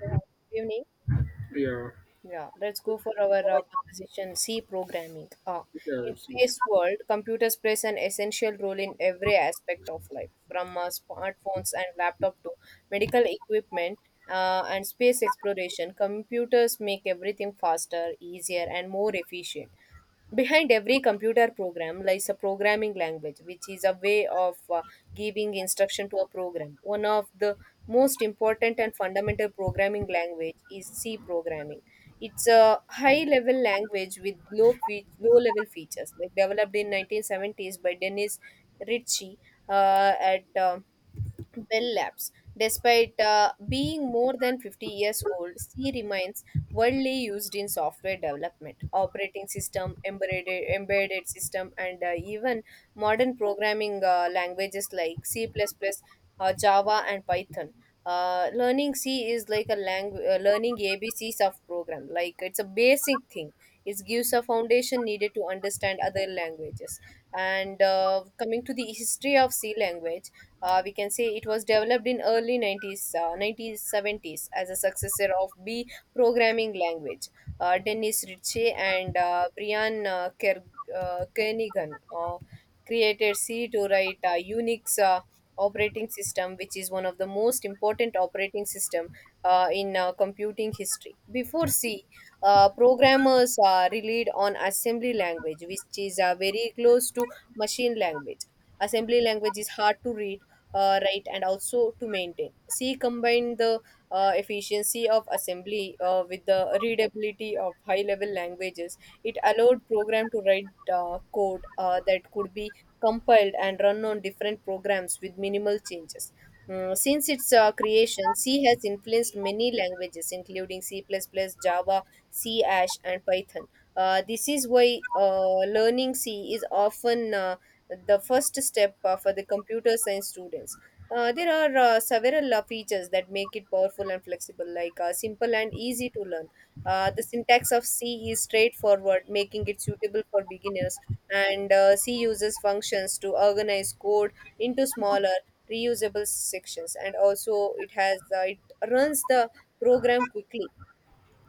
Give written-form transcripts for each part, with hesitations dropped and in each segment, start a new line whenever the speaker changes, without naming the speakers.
Yeah, good evening.
Yeah,
Yeah, let's go for our conversation. C programming.
yeah,
In today's world, computers plays an essential role in every aspect of life, from smartphones and laptop to medical equipment and space exploration. Computers make everything faster, easier, and more efficient. Behind every computer program lies a programming language, which is a way of giving instruction to a program. One of the most important and fundamental programming language is C programming. It's a high-level language with low low-level features, like developed in 1970s by Dennis Ritchie at Bell Labs, despite being more than 50 years old. C remains widely used in software development, operating system, embedded system, and even modern programming languages like C++, Java, and Python. Learning C is like a language, learning ABCs of program. Like it's a basic thing. It gives a foundation needed to understand other languages. And coming to the history of C language, we can say it was developed in early 1970s as a successor of B programming language. Dennis Ritchie and Brian Kernighan created C to write Unix operating system, which is one of the most important operating system in computing history. Before C, programmers relied on assembly language, which is very close to machine language. Assembly language is hard to read, right and also to maintain. She combined the efficiency of assembly with the readability of high level languages. It allowed program to write code that could be compiled and run on different programs with minimal changes. Since its creation, C has influenced many languages, including C++, Java, C Ash, and Python. This is why learning C is often the first step for the computer science students. There are several features that make it powerful and flexible, like simple and easy to learn. The syntax of C is straightforward, making it suitable for beginners, and C uses functions to organize code into smaller, reusable sections, and also it has it runs the program quickly,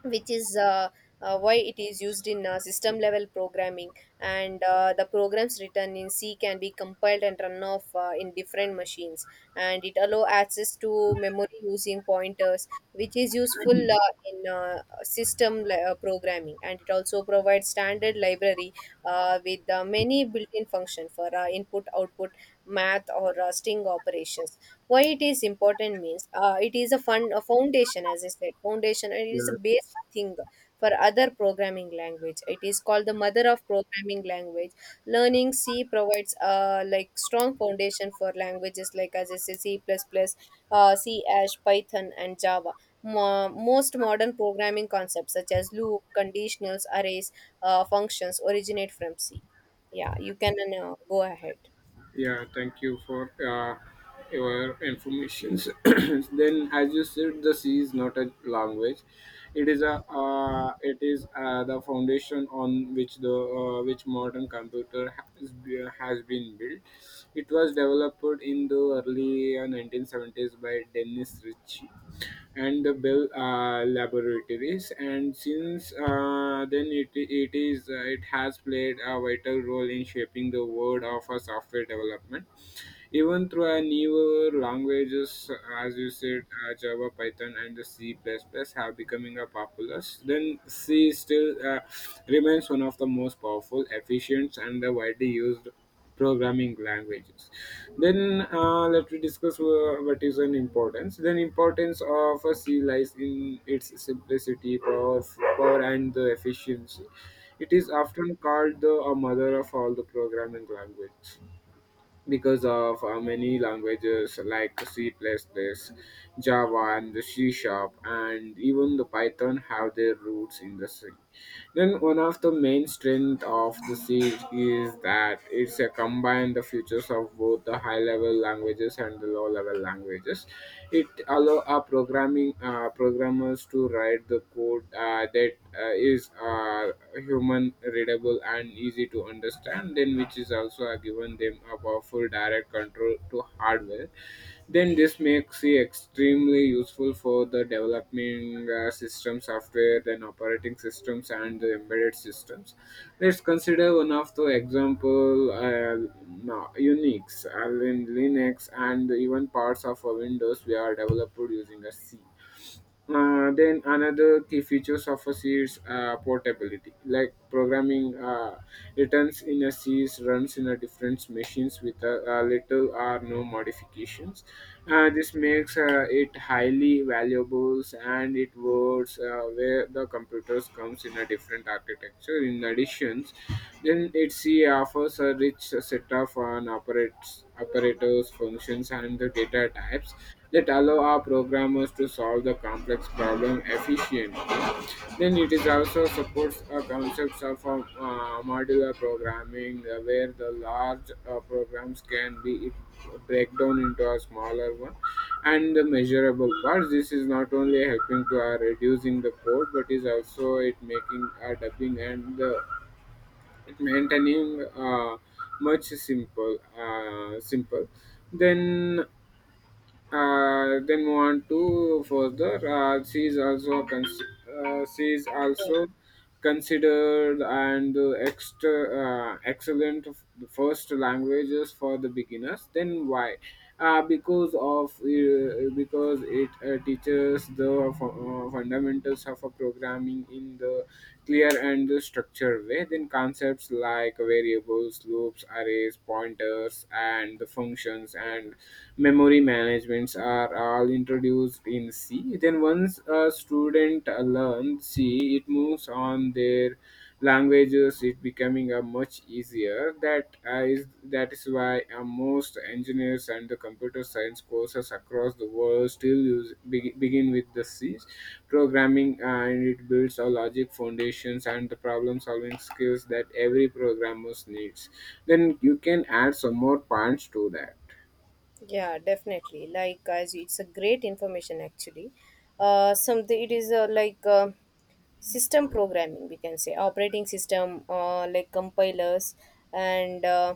which is why it is used in system level programming, and the programs written in c can be compiled and run off in different machines, and it allow access to memory using pointers, which is useful in system programming, and it also provides standard library with many built-in function for input output math or rusting operations. Why it is important means it is a fun a foundation, as I said, foundation, and it is a
yeah,
basic thing for other programming language. It is called the mother of programming language. Learning c provides like strong foundation for languages like, as I said, c++, c Ash, python and java. Most modern programming concepts such as loop conditionals arrays, functions originate from c. Yeah, you can now go ahead.
yeah. Thank you for your informations. Then, as you said, the sea is not a language; it is the foundation on which the which modern computer has been built. It was developed in the early 1970s by Dennis Ritchie and the Bell Laboratories. And since then, it has played a vital role in shaping the world of software development even through a newer languages as you said, Java, Python, and the C++ have becoming a popular. Then C still remains one of the most powerful efficient and the widely used programming languages. Then let me discuss what is an importance. Then importance of a C lies in its simplicity power, power and the efficiency. It is often called the mother of all the programming language because of many languages like C++, plus plus, Java, and the C Sharp, and even the Python have their roots in the sea. Then one of the main strength of the siege is that it's a combined the features of both the high-level languages and the low-level languages. It allow our programming programmers to write the code that is human readable and easy to understand. Then which is also given them a powerful direct control to hardware. Then this makes it extremely useful for the developing system software. Then operating systems and the embedded systems. Let's consider one of the example, no, Unix, Linux, and even parts of Windows we are developed using a C. Then another key features of a C is portability. Like programming returns in a C is runs in a different machines with a little or no modifications. This makes it highly valuable, and it works keyboards where the computers comes in a different architecture in additions. Then it C offers a rich set of an operators, functions, and the data types that allow our programmers to solve the complex problem efficiently. Then it is also supports concepts of modular programming where the large programs can be break down into a smaller one and the measurable parts. This is not only helping to reducing the code, but is also it making dubbing and the it maintaining much simple. Then want to further she is also considered and extra excellent of first languages for the beginners. Then why? Because it teaches the fundamentals of a programming in the clear and the structured way. Then concepts like variables, loops, arrays, pointers, and the functions and memory managements are all introduced in C. Then once a student learns C, it moves on their languages. It becoming a much easier. That is why most engineers and the computer science courses across the world still use begin with the C programming, and it builds a logic foundations and the problem solving skills that every programmer needs. Then you can add some more points to
Yeah, definitely. Like, guys, it's a great information actually. Something it is like system programming, we can say operating system, like compilers and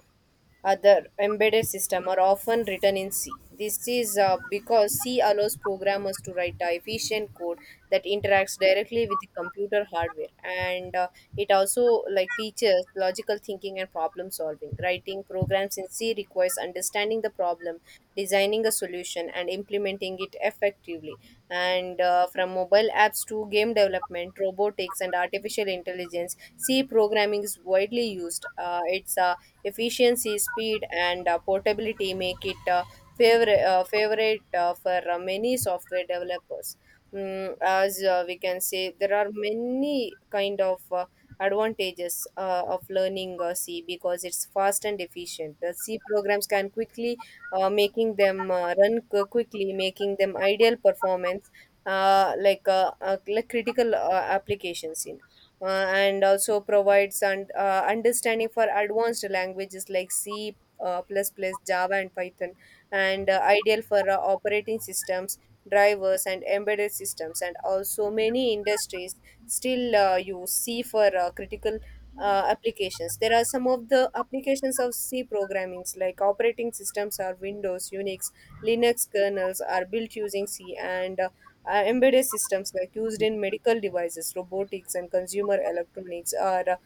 other embedded system are often written in C. This is because C allows programmers to write a efficient code that interacts directly with the computer hardware, and it also like teaches logical thinking and problem solving. Writing programs in C requires understanding the problem, designing a solution, and implementing it effectively. And from mobile apps to game development, robotics, and artificial intelligence, C programming is widely used. Its efficiency, speed, and portability make it favorite for many software developers. As we can say, there are many kind of advantages of learning C, because it's fast and efficient. The C programs can quickly making them quickly, making them ideal performance, like critical applications in uh, and also provides and understanding for advanced languages like C, plus plus, Java, and Python, and ideal for operating systems, drivers, and embedded systems. And also, many industries still use C for critical applications. There are some of the applications of C programmings like operating systems are Windows, Unix, Linux kernels are built using C, and embedded systems like used in medical devices, robotics and consumer electronics are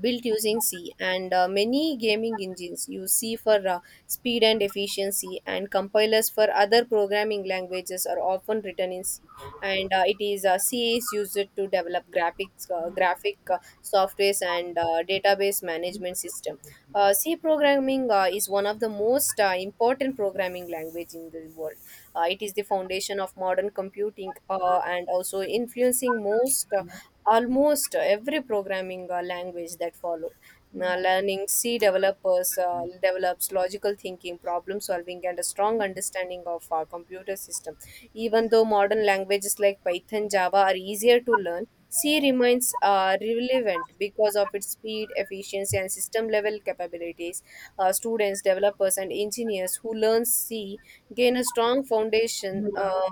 built using C, and many gaming engines use C for speed and efficiency, and compilers for other programming languages are often written in C. And it is C is used to develop graphics, graphic softwares, and database management system. C programming is one of the most important programming language in the world. It is the foundation of modern computing and also influencing most. Almost every programming language that followed. Now, learning C developers develops logical thinking, problem solving, and a strong understanding of our computer system. Even though modern languages like Python, Java are easier to learn, C remains relevant because of its speed, efficiency, and system level capabilities. Students, developers, and engineers who learn C gain a strong foundation.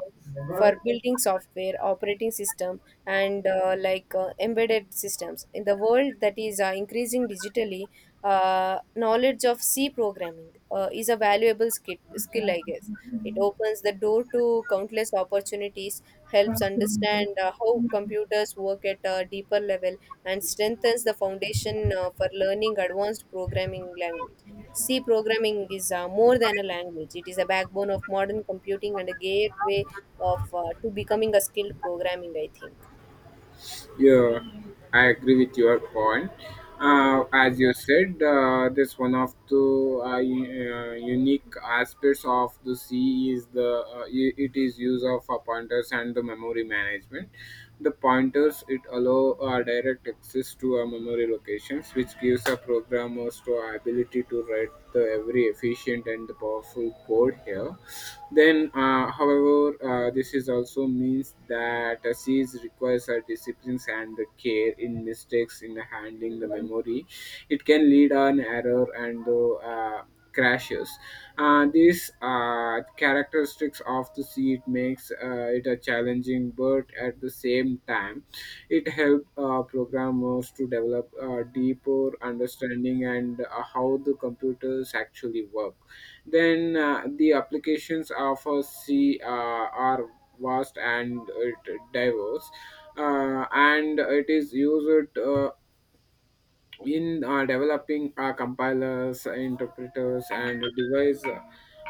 For
that.
building software, operating system, and like embedded systems. In the world that is increasing digitally, knowledge of C programming is a valuable skill, I guess. It opens the door to countless opportunities, helps understand how computers work at a deeper level, and strengthens the foundation for learning advanced programming language. C programming is more than a language. It is a backbone of modern computing and a gateway of to becoming a skilled programming, I think.
Yeah, I agree with your point. As you said, this one of the unique aspects of the C is the it is use of pointers and the memory management. The pointers it allow direct access to a memory locations, which gives a programmers to ability to write the every efficient and powerful code here. Then, however, this is also means that a siege requires a disciplines and the care in mistakes in handling the memory. It can lead an error and the crashes. These characteristics of the seed makes it a challenging, but at the same time, it helps programmers to develop a deeper understanding and how the computers actually work. Then the applications of a C are vast and it diverse, and it is used in developing compilers, interpreters, and device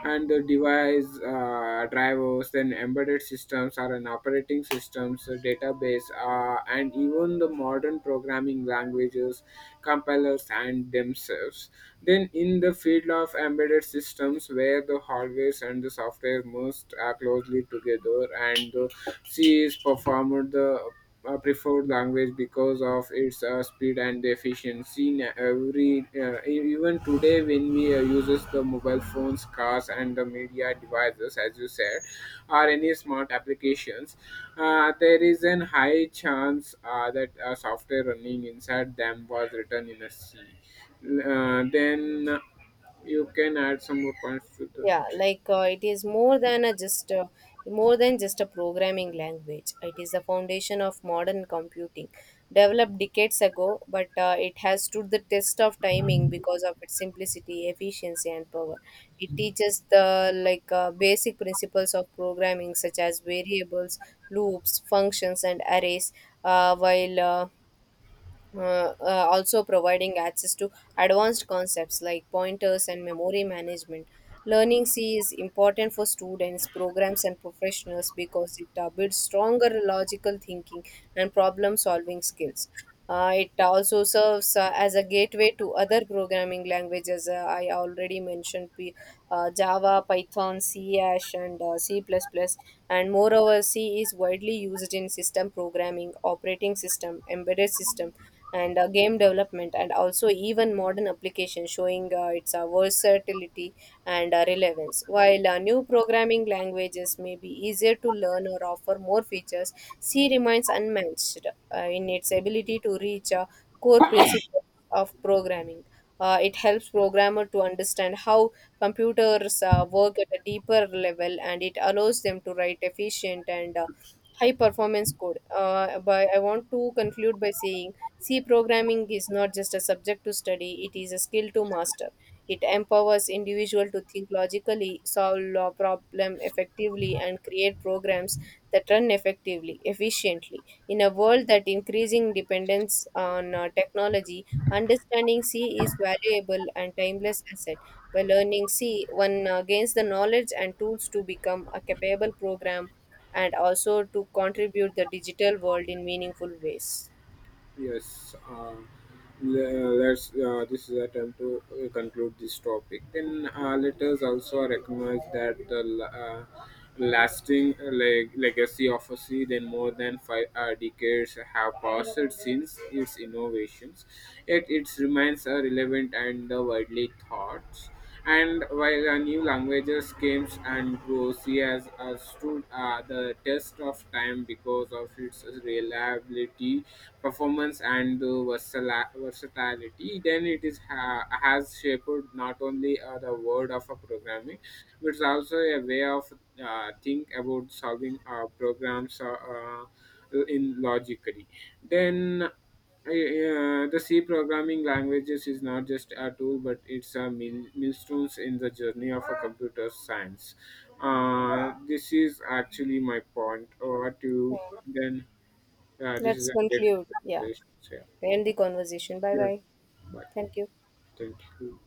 and the device uh, drivers, then embedded systems are an operating systems, a database, and even the modern programming languages, compilers, and themselves. Then, in the field of embedded systems, where the hardware and the software most closely together, and the C is performed the preferred language because of its speed and efficiency in every even today when we uses the mobile phones, cars, and the media devices as you said, or any smart applications, there is an high chance that software running inside them was written in a C. Then you can add some more points to that.
Yeah, like it is more than a just more than just a programming language. It is the foundation of modern computing, developed decades ago, but it has stood the test of timing because of its simplicity efficiency and power. It teaches the basic principles of programming such as variables loops functions and arrays, while also providing access to advanced concepts like pointers and memory management. Learning C is important for students, programs, and professionals because it builds stronger logical thinking and problem solving skills. It also serves as a gateway to other programming languages. I already mentioned P, Java, Python, C, Ash, and C++. And moreover, C is widely used in system programming, operating system, embedded system, and game development, and also even modern applications, showing its versatility and relevance. While new programming languages may be easier to learn or offer more features, c remains unmatched in its ability to reach core principles of programming. It helps programmer to understand how computers work at a deeper level, and it allows them to write efficient and high performance code. But I want to conclude by saying C programming is not just a subject to study, it is a skill to master. It empowers individuals to think logically, solve law problem effectively, and create programs that run effectively, efficiently. In a world that increasing dependence on technology, understanding C is valuable and timeless asset. By learning C, one gains the knowledge and tools to become a capable program and also to contribute the digital world in meaningful ways.
Yes, let's. This is a time to conclude this topic. Then let us also recognize that the lasting legacy of a sea. Then more than five decades have passed since its innovations, yet it remains relevant and widely thought. And while new languages came and grew, she has stood the test of time because of its reliability, performance, and the versatility. Then it has shaped not only the world of a programming, but it's also a way of think about solving programs in logically. Then the C programming languages is not just a tool, but it's a millstones in the journey of a computer science. This is actually my point. Over
Yeah.
to then. This is
Let's
a great
conclude. Yeah.
conversation. Yeah.
End the conversation. Bye
Yes.
bye.
Bye.
Thank you.
Thank you.